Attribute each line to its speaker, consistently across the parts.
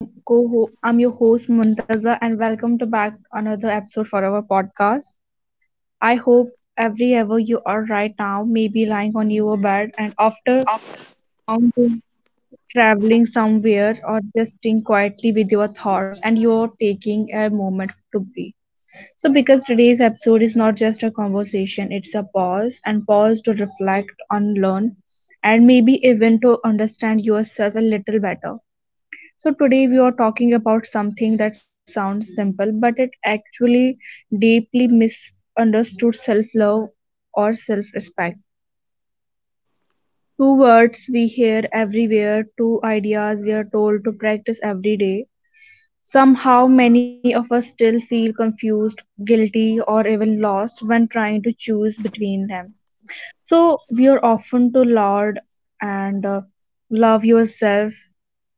Speaker 1: I'm your co I'm your host Muntaza, and welcome to back another episode for our podcast. I hope every ever you are right now, maybe lying on your bed and after long day traveling somewhere or just sitting quietly with your thoughts, and you're taking a moment to breathe. So because today's episode is not just a conversation, it's a pause and pause to reflect on learn and maybe even to understand yourself a little better. So, today we are talking about something that sounds simple but it actually deeply misunderstood: self love or self respect. Two words we hear everywhere, two ideas we are told to practice every day. Somehow, many of us still feel confused, guilty, or even lost when trying to choose between them. So we are often to laud and love yourself,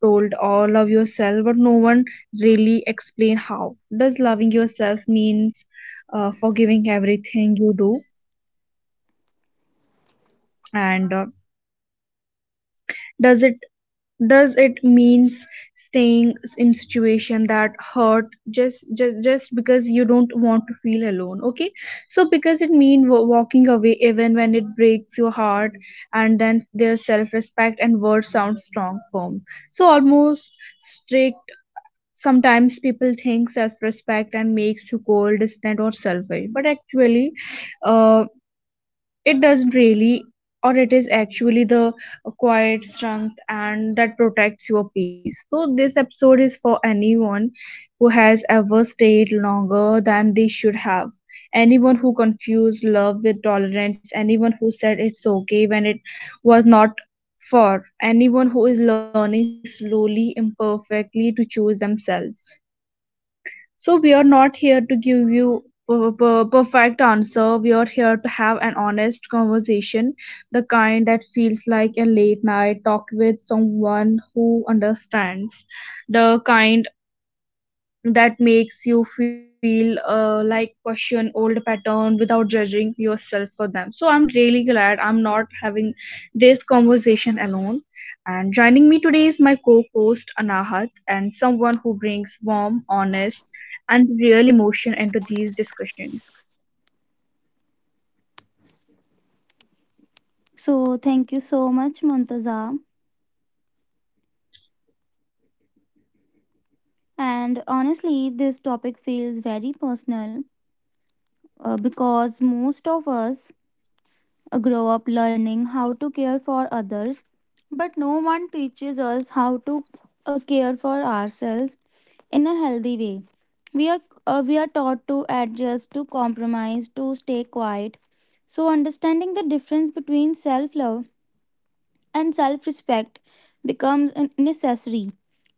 Speaker 1: told or love yourself, but no one really explain how. Does loving yourself means forgiving everything you do, and does it does it means staying in situation that hurt just because you don't want to feel alone? Okay, so because it mean walking away even when it breaks your heart. And then their self respect, and words sound strong, firm, so almost strict. Sometimes people think self respect and makes you cold, distant, or selfish, but actually uh it doesn't really, or it is actually the quiet strength and that protects your peace. So this episode is for anyone who has ever stayed longer than they should have, anyone who confused love with tolerance, anyone who said it's okay when it was not, for anyone who is learning slowly, imperfectly, to choose themselves. So we are not here to give you perfect answer. We are here to have an honest conversation, the kind that feels like a late night talk with someone who understands, the kind that makes you feel like question old pattern without judging yourself for them. So I'm really glad I'm not having this conversation alone, and joining me today is my co-host Anahat, and someone who brings warm, honest, and real emotion into these discussions.
Speaker 2: So, thank you so much, Montaza. And honestly, this topic feels very personal because most of us grow up learning how to care for others, but no one teaches us how to care for ourselves in a healthy way. We are we are taught to adjust, to compromise, to stay quiet. So, understanding the difference between self love and self respect becomes a necessary,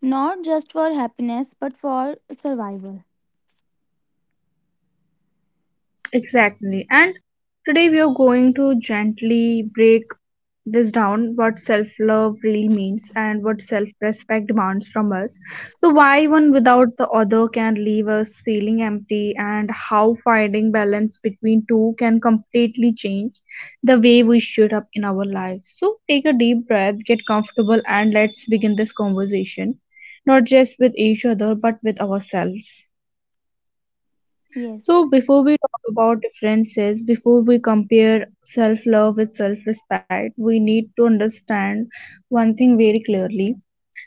Speaker 2: not just for happiness but for survival.
Speaker 1: Exactly. And today we are going to gently break this down: what self love really means and what self respect demands from us. So, why one without the other can leave us feeling empty, and how finding balance between two can completely change the way we show up in our lives. So, take a deep breath, get comfortable, and let's begin this conversation not just with each other but with ourselves. So,
Speaker 2: Yes,
Speaker 1: before we talk about differences, before we compare self love with self respect, we need to understand one thing very clearly,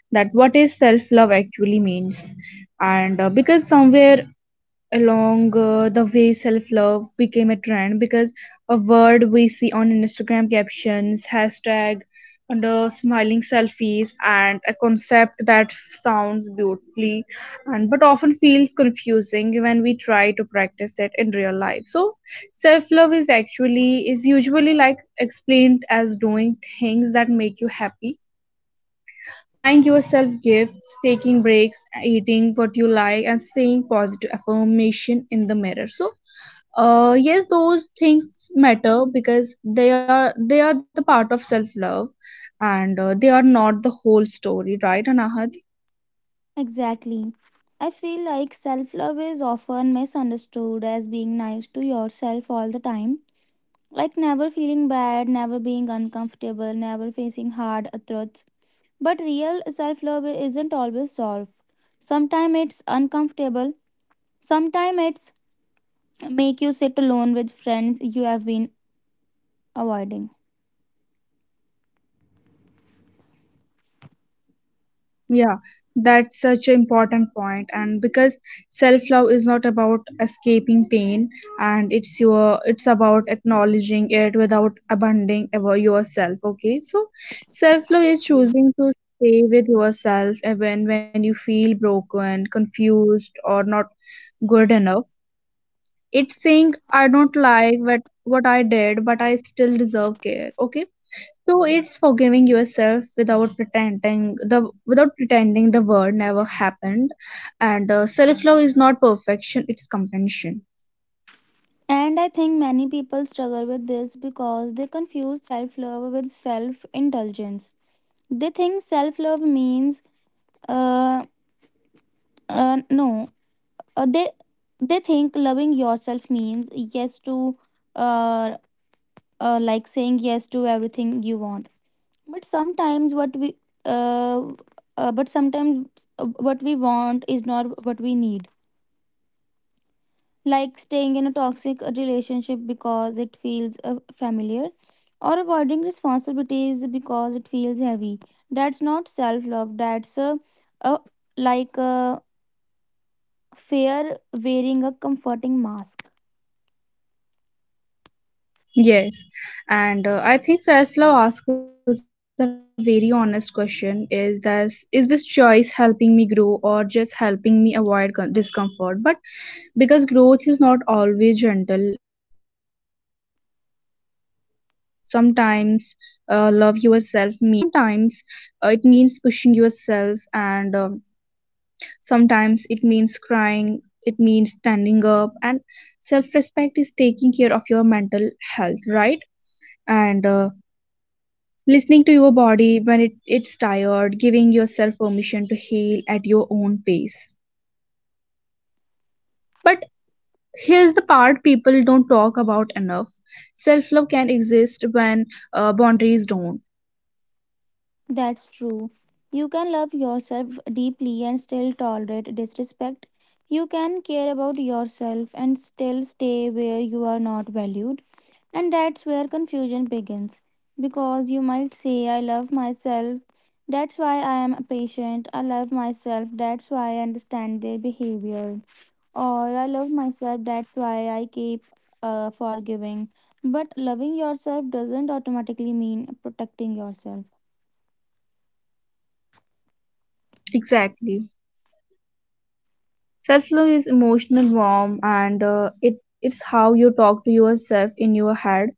Speaker 1: that what is self love actually means, and because somewhere along the way self love became a trend, because a word we see on Instagram captions, hashtag under smiling selfies, and a concept that sounds beautifully and but often feels confusing when we try to practice it in real life. So self love is actually is usually like explained as doing things that make you happy. Buying yourself gifts, taking breaks, eating what you like, and saying positive affirmation in the mirror. So, yes, those things matter because they are the part of self love, and they are not the whole story, right, Anahat?
Speaker 2: exactly. I feel like self love is often misunderstood as being nice to yourself all the time, like never feeling bad, never being uncomfortable, never facing hard truths. But real self love isn't always soft. Sometimes it's uncomfortable, sometimes it's make you sit alone with friends you have been avoiding.
Speaker 1: Yeah, that's such an important point, and because self-love is not about escaping pain, and it's your it's about acknowledging it without abandoning ever yourself. Okay, so self-love is choosing to stay with yourself even when you feel broken, confused, or not good enough. It's saying I don't like what I did, but I still deserve care. Okay, so it's forgiving yourself without pretending the word never happened, and self love is not perfection; it's compassion.
Speaker 2: And I think many people struggle with this because they confuse self love with self indulgence. They think self love means, uh, no, uh, they they think loving yourself means yes to, uh, like saying yes to everything you want. But sometimes what we, uh, but sometimes what we want is not what we need. Like staying in a toxic relationship because it feels familiar, or avoiding responsibilities because it feels heavy. That's not self love, that's a a fear wearing a comforting mask.
Speaker 1: Yes, and I think self love asks us a very honest question: Is this choice helping me grow or just helping me avoid discomfort? But because growth is not always gentle, sometimes love yourself means resting, and sometimes it means pushing yourself, and sometimes it means crying, it means standing up, and self respect is taking care of your mental health, right? And listening to your body when it's tired, giving yourself permission to heal at your own pace. But here's the part people don't talk about enough: self love can exist when boundaries don't.
Speaker 2: That's true. You can love yourself deeply and still tolerate disrespect. You can care about yourself and still stay where you are not valued. And that's where confusion begins. Because you might say, I love myself. That's why I am patient. I love myself. That's why I understand their behavior. Or I love myself. That's why I keep forgiving. But loving yourself doesn't automatically mean protecting yourself.
Speaker 1: Exactly. Self love is emotional warm, and it it's how you talk to yourself in your head,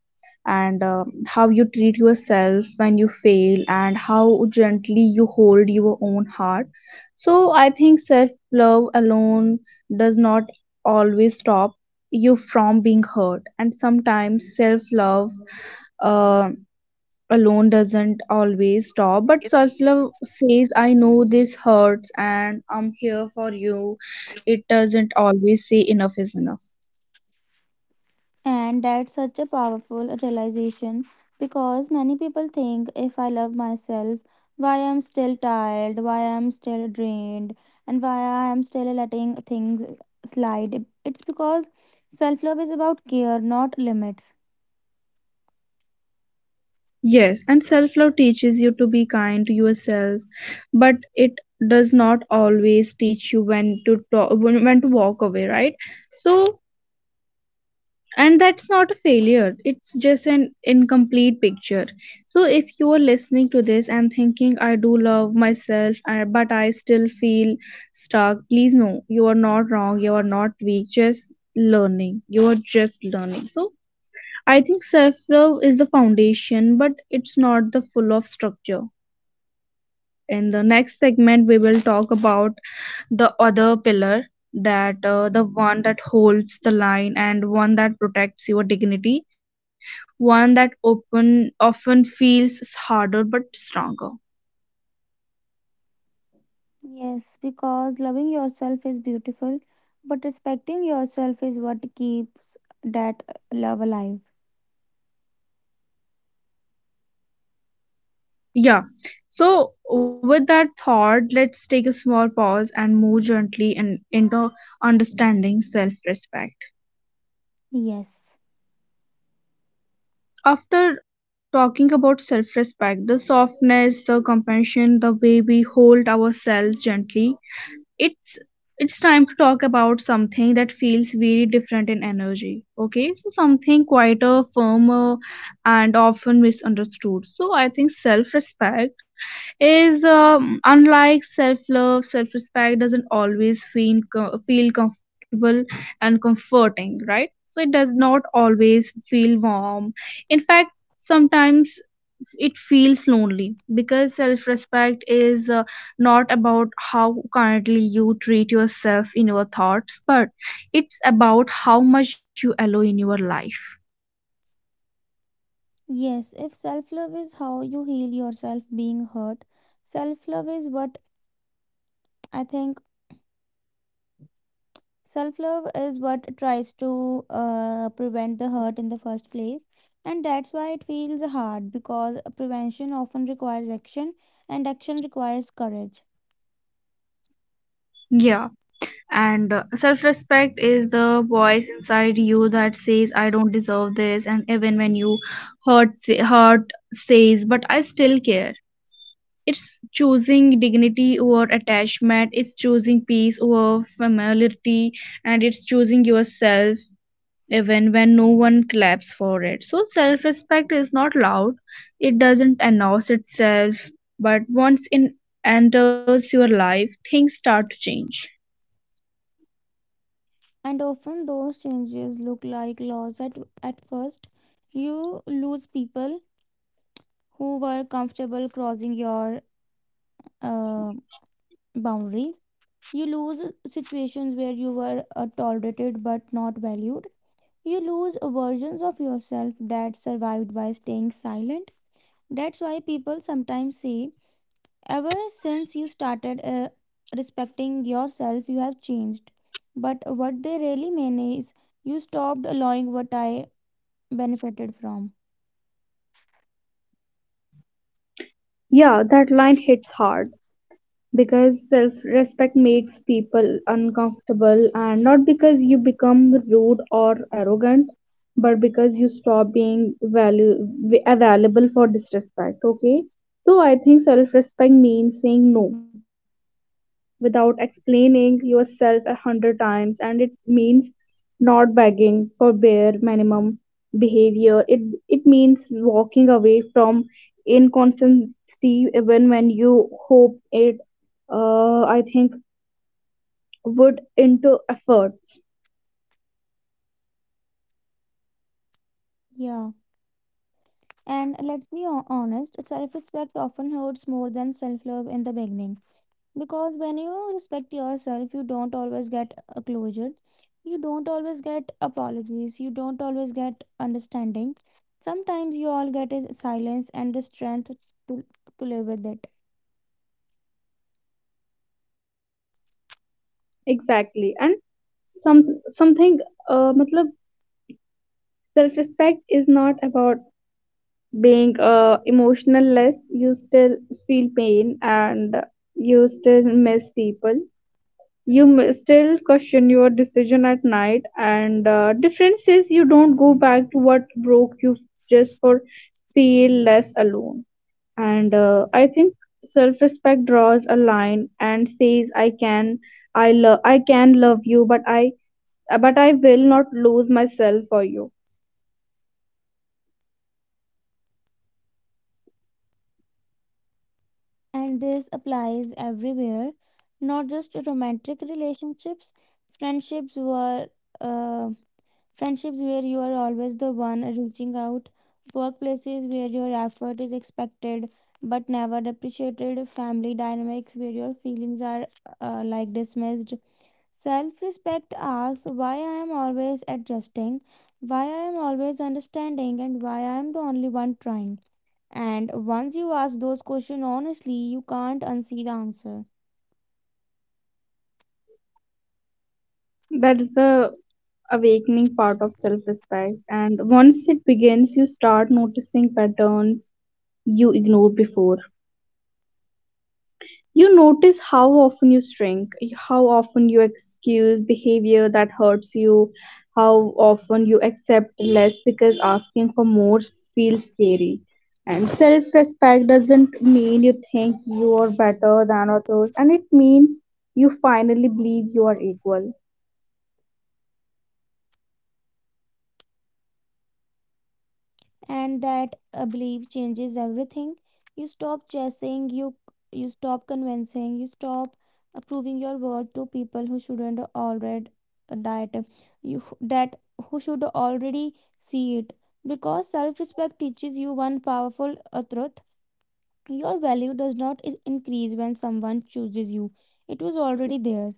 Speaker 1: and how you treat yourself when you fail, and how gently you hold your own heart. So I think self love alone does not always stop you from being hurt, and sometimes self love uh, alone doesn't always stop, but self-love says I know this hurts and I'm here for you. It doesn't always say enough is enough.
Speaker 2: And that's such a powerful realization because many people think if I love myself, why I'm still tired, why I'm still drained, and why I'm still letting things slide. It's because self love is about care, not limits.
Speaker 1: Yes, and self-love teaches you to be kind to yourself, but it does not always teach you when to talk, when to walk away, right? So, and that's not a failure, it's just an incomplete picture. So if you are listening to this and thinking I do love myself, but I still feel stuck, please know you are not wrong, you are not weak, just learning. So I think self love is the foundation but it's not the full of structure. In the next segment we will talk about the other pillar, that the one that holds the line, and one that protects your dignity, one that open often feels harder but stronger.
Speaker 2: Yes, because loving yourself is beautiful, but respecting yourself is what keeps that love alive.
Speaker 1: Yeah, so with that thought let's take a small pause and move gently and into understanding self-respect.
Speaker 2: Yes.
Speaker 1: After talking about self-respect, the softness, the compassion, the way we hold ourselves gently, it's it's time to talk about something that feels very different in energy. Okay, so something quieter, firmer, and often misunderstood. So I think self-respect is unlike self-love, self-respect doesn't always feel feel comfortable and comforting, right? So it does not always feel warm. In fact, sometimes it feels lonely because self respect is not about how kindly you treat yourself in your thoughts but it's about how much you allow in your life.
Speaker 3: Yes, if self love is how you heal yourself being hurt, self love is what I think self love is what tries to prevent the hurt in the first place. And that's why it feels hard because prevention often requires action and action requires courage.
Speaker 1: Yeah, and self respect is the voice inside you that says I don't deserve this, and even when you hurt says but I still care. It's choosing dignity over attachment, it's choosing peace over familiarity, and it's choosing yourself even when no one claps for it. So self respect is not loud, it doesn't announce itself, but once it enters your life, things start to change.
Speaker 3: And often those changes look like loss at first. You lose people who were comfortable crossing your uh, boundaries. You lose situations where you were tolerated but not valued. You lose versions of yourself that survived by staying silent. That's why people sometimes say, ever since you started respecting yourself, you have changed. But what they really mean is, you stopped allowing what I benefited from.
Speaker 1: Yeah, that line hits hard because self respect makes people uncomfortable, and not because you become rude or arrogant, but because you stop being value available for disrespect. Okay, so I think self respect means saying no without explaining yourself a hundred times, and it means not begging for bare minimum behavior. It means walking away from inconsistency even when you hope it, I think, would into efforts.
Speaker 3: Yeah. And let's be honest, self respect often hurts more than self love in the beginning, because when you respect yourself you don't always get a closure, you don't always get apologies, you don't always get understanding. Sometimes you all get is silence and the strength to, to live with it.
Speaker 1: Exactly. And some something, matlab, self respect is not about being emotional less. You still feel pain, and you still miss people, you still question your decision at night, and difference is you don't go back to what broke you just for feel less alone. And I think self-respect draws a line and says I can I love I can love you but I will not lose myself for you.
Speaker 3: And this applies everywhere, not just to romantic relationships. friendships were uh, Friendships where you are always the one reaching out, workplaces where your effort is expected but never appreciated, family dynamics where your feelings are like dismissed. Self respect asks why I am always adjusting, why I am always understanding, and why I am the only one trying. And once you ask those questions honestly, you can't unsee the answer.
Speaker 1: That is the awakening part of self respect. And once it begins, you start noticing patterns you ignored before. You notice how often you shrink, how often you excuse behavior that hurts you, how often you accept less because asking for more feels scary. And self respect doesn't mean you think you are better than others, and it means you finally believe you are equal.
Speaker 3: And that belief changes everything. You stop chasing, you stop convincing, you stop proving your worth to people who shouldn't already that you that who should already see it, because self-respect teaches you one powerful truth: your value does not increase when someone chooses you. It was already there.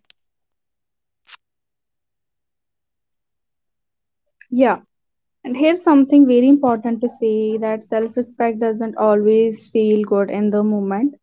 Speaker 1: Yeah, and here's something very important to say, that self respect doesn't always feel good in the moment.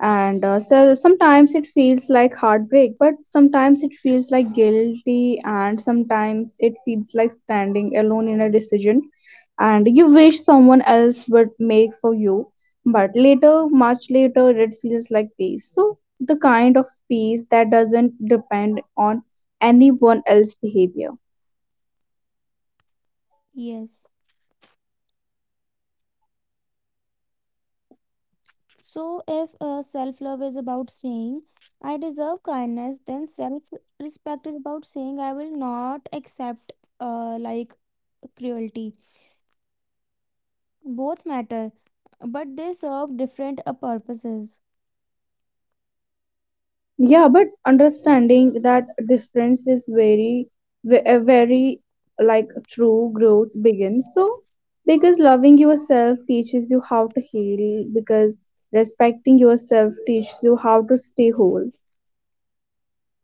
Speaker 1: And so sometimes it feels like heartbreak, but sometimes it feels like guilty, and sometimes it feels like standing alone in a decision. And you wish someone else would make for you, but later, much later, it feels like peace. So, the kind of peace that doesn't depend on anyone else's behavior.
Speaker 3: Yes. So, if self love is about saying, I deserve kindness, then self respect is about saying, I will not accept like cruelty. Both matter, but they serve different purposes.
Speaker 1: Yeah, but understanding that difference is very like true growth begins. So, because loving yourself teaches you how to heal, because respecting yourself teaches you how to stay whole.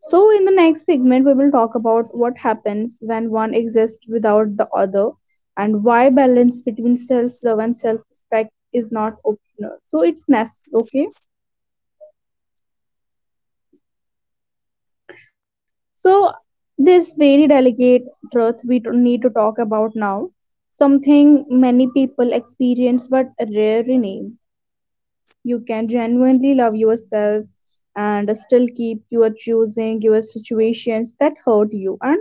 Speaker 1: So, in the next segment, we will talk about what happens when one exists without the other, and why balance between self love and self respect is not optional. So, it's necessary, okay? So, this very delicate truth we need to talk about now, something many people experience but rarely name. You can genuinely love yourself and still keep your choosing your situations that hurt you. And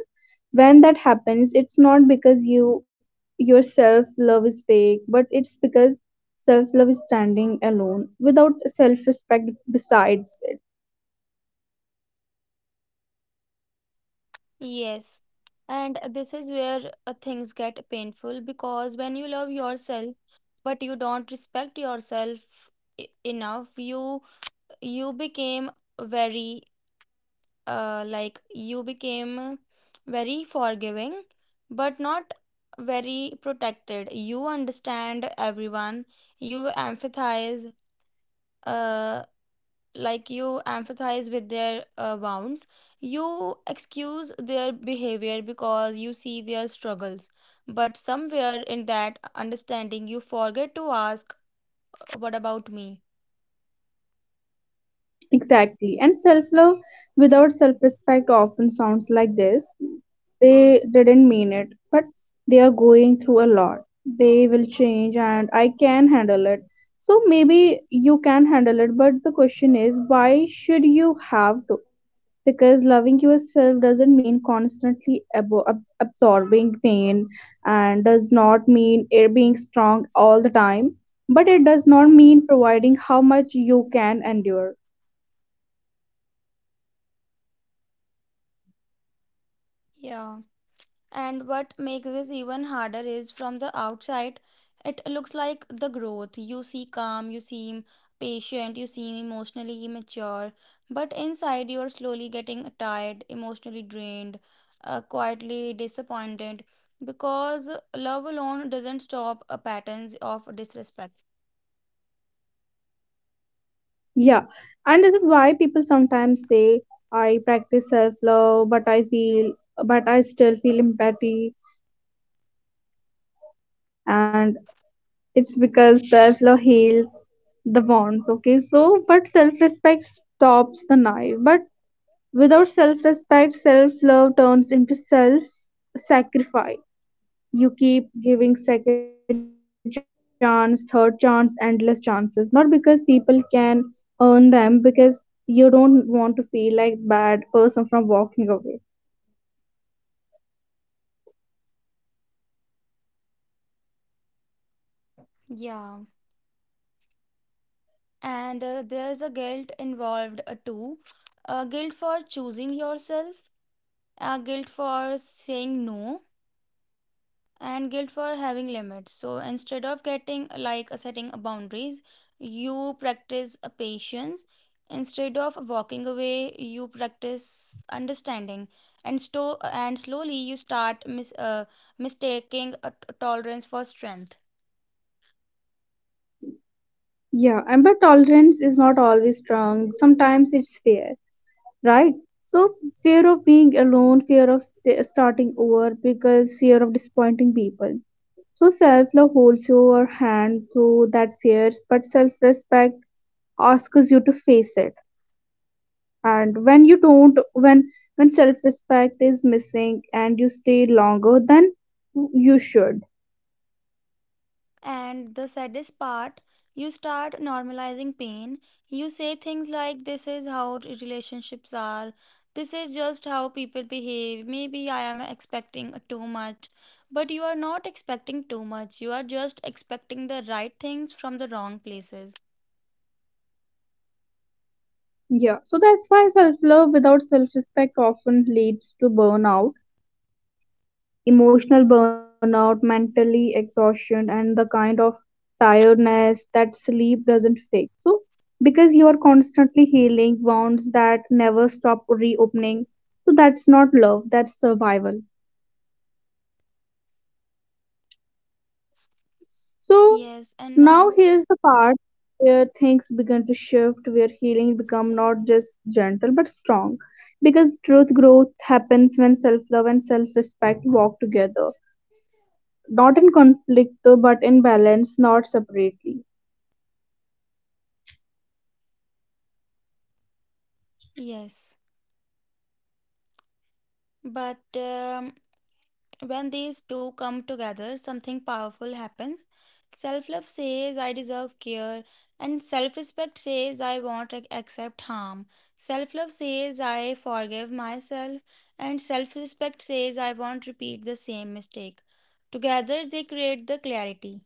Speaker 1: when that happens, it's not because your self love is fake, but it's because self love is standing alone without self respect besides it.
Speaker 3: Yes. And this is where things get painful, because when you love yourself but you don't respect yourself enough, you became very. Like you became very forgiving but not very protected. You understand everyone, you empathize, uh, you empathize with their wounds, you excuse their behavior because you see their struggles, but somewhere in that understanding you forget to ask, what about me?
Speaker 1: Exactly. And self love without self respect often sounds like this. They didn't mean it, but they are going through a lot. They will change, and I can handle it. So maybe you can handle it, but the question is, why should you have to? Because loving yourself doesn't mean constantly absorbing pain, and does not mean it being strong all the time, but it does not mean providing how much you can endure.
Speaker 3: Yeah. And what makes this even harder is from the outside, it looks like the growth. You see calm, you seem patient, you seem emotionally mature, but inside you are slowly getting tired, emotionally drained, quietly disappointed, because love alone doesn't stop patterns of disrespect.
Speaker 1: Yeah, and this is why people sometimes say, I practice self love, but I still feel empathy. And it's because self love heals the wounds, okay? So, but self respect stops the knife. But without self respect, self love turns into self sacrifice. You keep giving second chance, third chance, endless chances, not because people can earn them, because you don't want to feel like bad person from walking away.
Speaker 3: Yeah. And there's a guilt involved too, guilt for choosing yourself, guilt for saying no, and guilt for having limits. So instead of getting like setting a boundaries, you practice a patience. Instead of walking away you practice understanding, and slowly you start mistaking a tolerance for strength.
Speaker 1: Yeah, and but tolerance is not always strong, sometimes it's fear, right? So fear of being alone, fear of starting over, because fear of disappointing people. So self-love holds your hand through that fears, but self-respect asks you to face it. And when you don't, when self-respect is missing and you stay longer than you should.
Speaker 3: And the saddest part, you start normalizing pain. You say things like, this is how relationships are. This is just how people behave. Maybe I am expecting too much. But you are not expecting too much. You are just expecting the right things from the wrong places.
Speaker 1: Yeah, so that's why self-love without self-respect often leads to burnout, emotional burnout, mentally exhaustion, and the kind of tiredness that sleep doesn't fix. So because you are constantly healing wounds that never stop reopening, so that's not love, that's survival. So
Speaker 3: Yes, and
Speaker 1: now
Speaker 3: now?
Speaker 1: here's the part where things begin to shift, where healing become not just gentle but strong. Because truth growth happens when self love and self respect walk together, not in conflict but in balance, not separately.
Speaker 3: Yes. But when these two come together, something powerful happens. Self love says, I deserve care, and self respect says, I won't accept harm. Self love says, I forgive myself, and self respect says, I won't repeat the same mistake. Together, they create the clarity.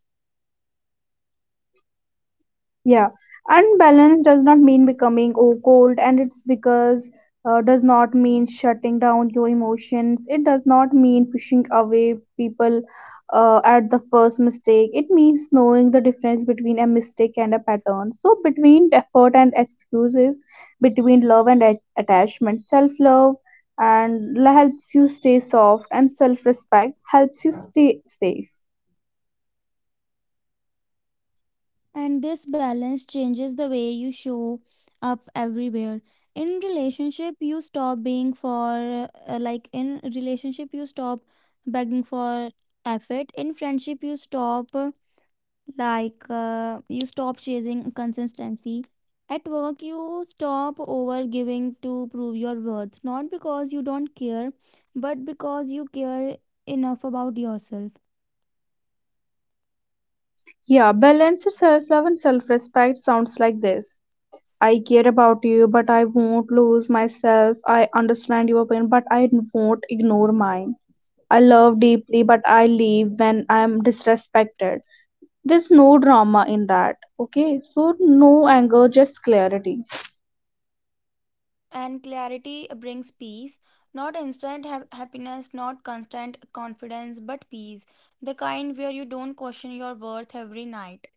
Speaker 1: Yeah, unbalanced does not mean becoming cold, and it's because does not mean shutting down your emotions. It does not mean pushing away people at the first mistake. It means knowing the difference between a mistake and a pattern. So, between effort and excuses, between love and attachment, self love and helps you stay soft, and self respect helps you stay safe.
Speaker 3: And this balance changes the way you show up everywhere. In relationship, you stop being for, like, in relationship, you stop begging for effort. In friendship, you stop chasing consistency. At work, you stop over giving to prove your worth, not because you don't care, but because you care enough about yourself.
Speaker 1: Yeah, balanced self love and self respect sounds like this. I care about you, but I won't lose myself. I understand your pain, but I won't ignore mine. I love deeply, but I leave when I'm disrespected. There's no drama in that. Okay, so no anger, just clarity.
Speaker 3: And clarity brings peace, not instant happiness, not constant confidence, but peace, the kind where you don't question your worth every night,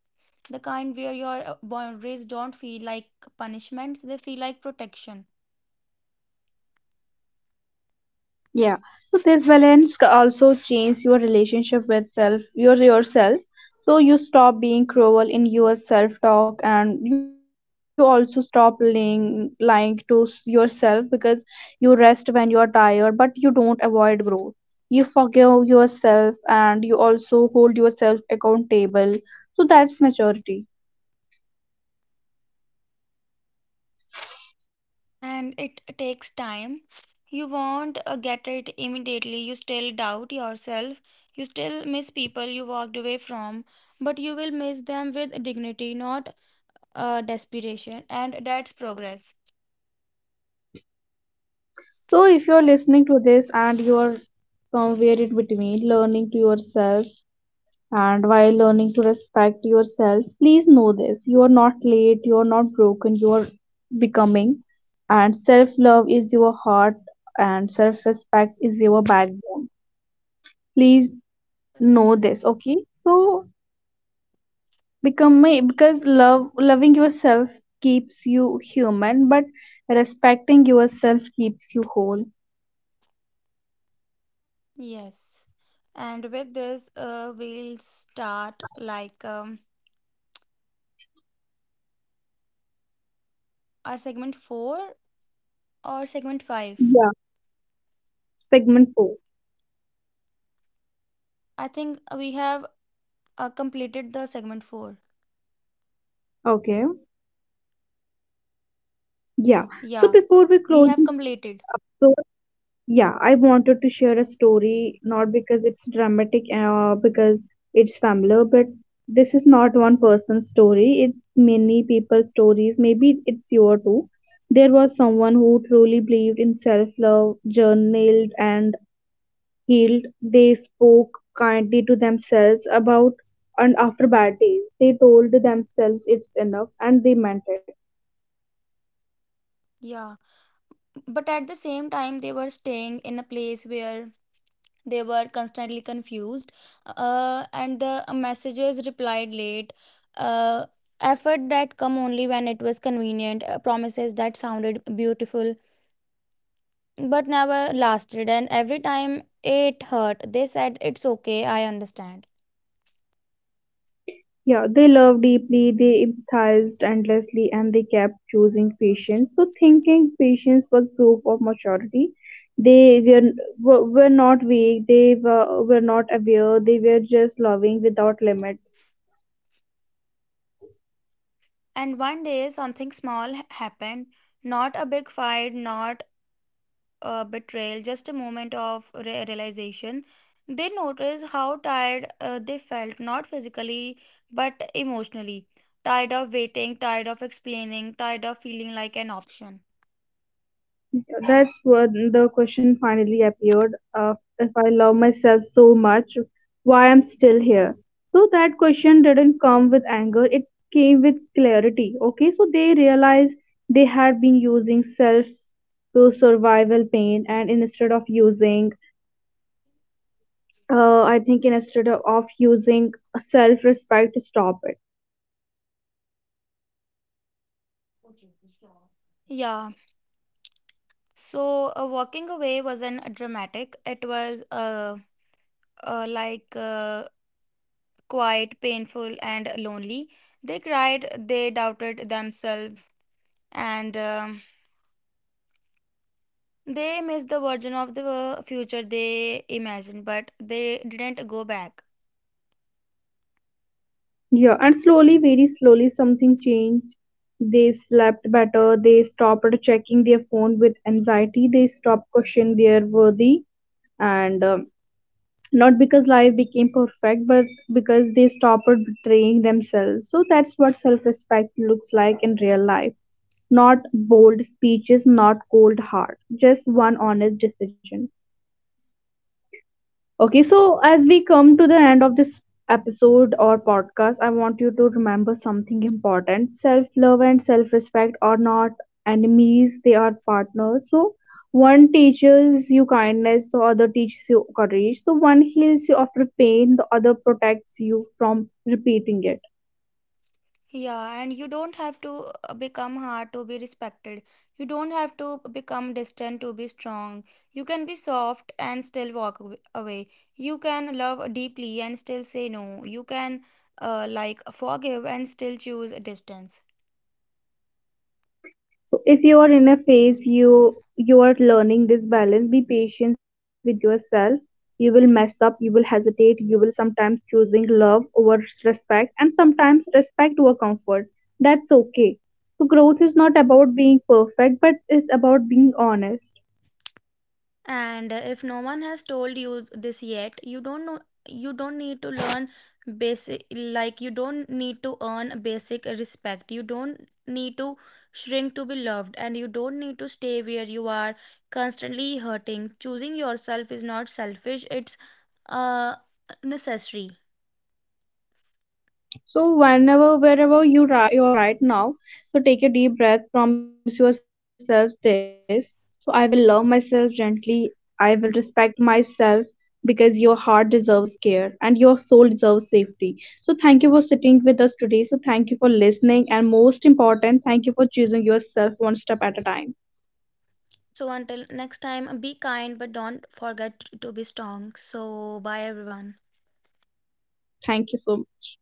Speaker 3: the kind where your boundaries don't feel like punishments, they feel like protection.
Speaker 1: Yeah. So this balance also change your relationship with self, your yourself. So you stop being cruel in your self talk, and you also stop lying to yourself, because you rest when you are tired, but you don't avoid growth. You forgive yourself, and you also hold yourself accountable. So that's maturity.
Speaker 3: And it takes time. You won't get it immediately, you still doubt yourself, you still miss people you walked away from, but you will miss them with dignity, not desperation, and that's progress.
Speaker 1: So if you're listening to this and you're somewhere in between, learning to yourself. And while learning to respect yourself, please know this, you are not late, you are not broken, you are becoming. And self love is your heart, and self respect is your backbone. Please know this, okay? So, become my because love, loving yourself keeps you human, but respecting yourself keeps you whole.
Speaker 3: Yes. And with this, we'll start like our segment 4 or segment 5.
Speaker 1: Yeah, segment four.
Speaker 3: I think we have completed the segment 4.
Speaker 1: Okay, yeah. So,
Speaker 3: Yeah,
Speaker 1: before we
Speaker 3: we
Speaker 1: close,
Speaker 3: have completed.
Speaker 1: this. Yeah, I wanted to share a story, not because it's dramatic because it's familiar, but this is not one person's story. It's many people's stories. Maybe it's your too. There was someone who truly believed in self-love, journaled and healed. They spoke kindly to themselves about and after bad days. They told themselves it's enough and they meant it.
Speaker 3: Yeah. But at the same time, they were staying in a place where they were constantly confused. And the messages replied late. Uh, Effort that come only when it was convenient, promises that sounded beautiful but never lasted. And every time it hurt, they said, it's okay, I understand.
Speaker 1: Yeah, they loved deeply, they empathized endlessly, and they kept choosing patience. So, thinking patience was proof of maturity. They were not weak, they were not aware, they were just loving without limits.
Speaker 3: And one day, something small happened, not a big fight, not a betrayal, just a moment of realization. They noticed how tired they felt, not physically, but emotionally. Tired of waiting, tired of explaining, tired of feeling like an option.
Speaker 1: That's when the question finally appeared, if I love myself so much, why I'm still here. So that question didn't come with anger, it came with clarity. Okay, so they realized they had been using self to survival pain, and instead of using, instead of using self respect to stop it.
Speaker 3: Yeah, so walking away wasn't dramatic. It was uh, like uh, quite painful, and lonely. They cried, they doubted themselves, and they missed the version of the future they imagined, but they didn't go back.
Speaker 1: Yeah, and slowly, very slowly, something changed. They slept better. They stopped checking their phone with anxiety. They stopped questioning their worthy, and not because life became perfect, but because they stopped betraying themselves. So that's what self-respect looks like in real life. Not bold speeches, not cold heart, just one honest decision. Okay, so as we come to the end of this episode or podcast, I want you to remember something important. Self love and self respect are not enemies, they are partners. So, one teaches you kindness, the other teaches you courage. So, one heals you after pain, the other protects you from repeating it.
Speaker 3: Yeah, and you don't have to become hard to be respected. You don't have to become distant to be strong. You can be soft and still walk aw- away. You can love deeply and still say no. You can forgive and still choose distance.
Speaker 1: So if you are in a phase, you are learning this balance, be patient with yourself. You will mess up, you will hesitate, you will sometimes choosing love over respect, and sometimes respect over comfort. That's okay. So growth is not about being perfect, but it's about being honest.
Speaker 3: And if no one has told you this yet, you don't know you don't need to learn basic like you don't need to earn basic respect. You don't need to shrink to be loved and you don't need to stay where you are constantly hurting. Choosing yourself is not selfish, it's uh necessary.
Speaker 1: So whenever, wherever you you're right now, so take a deep breath. Promise yourself this: so I will love myself gently. I will respect myself, because your heart deserves care and your soul deserves safety. So thank you for sitting with us today. So thank you for listening, and most important, thank you for choosing yourself one step at a time.
Speaker 3: So until next time, be kind but don't forget to be strong. So bye everyone.
Speaker 1: Thank you so much.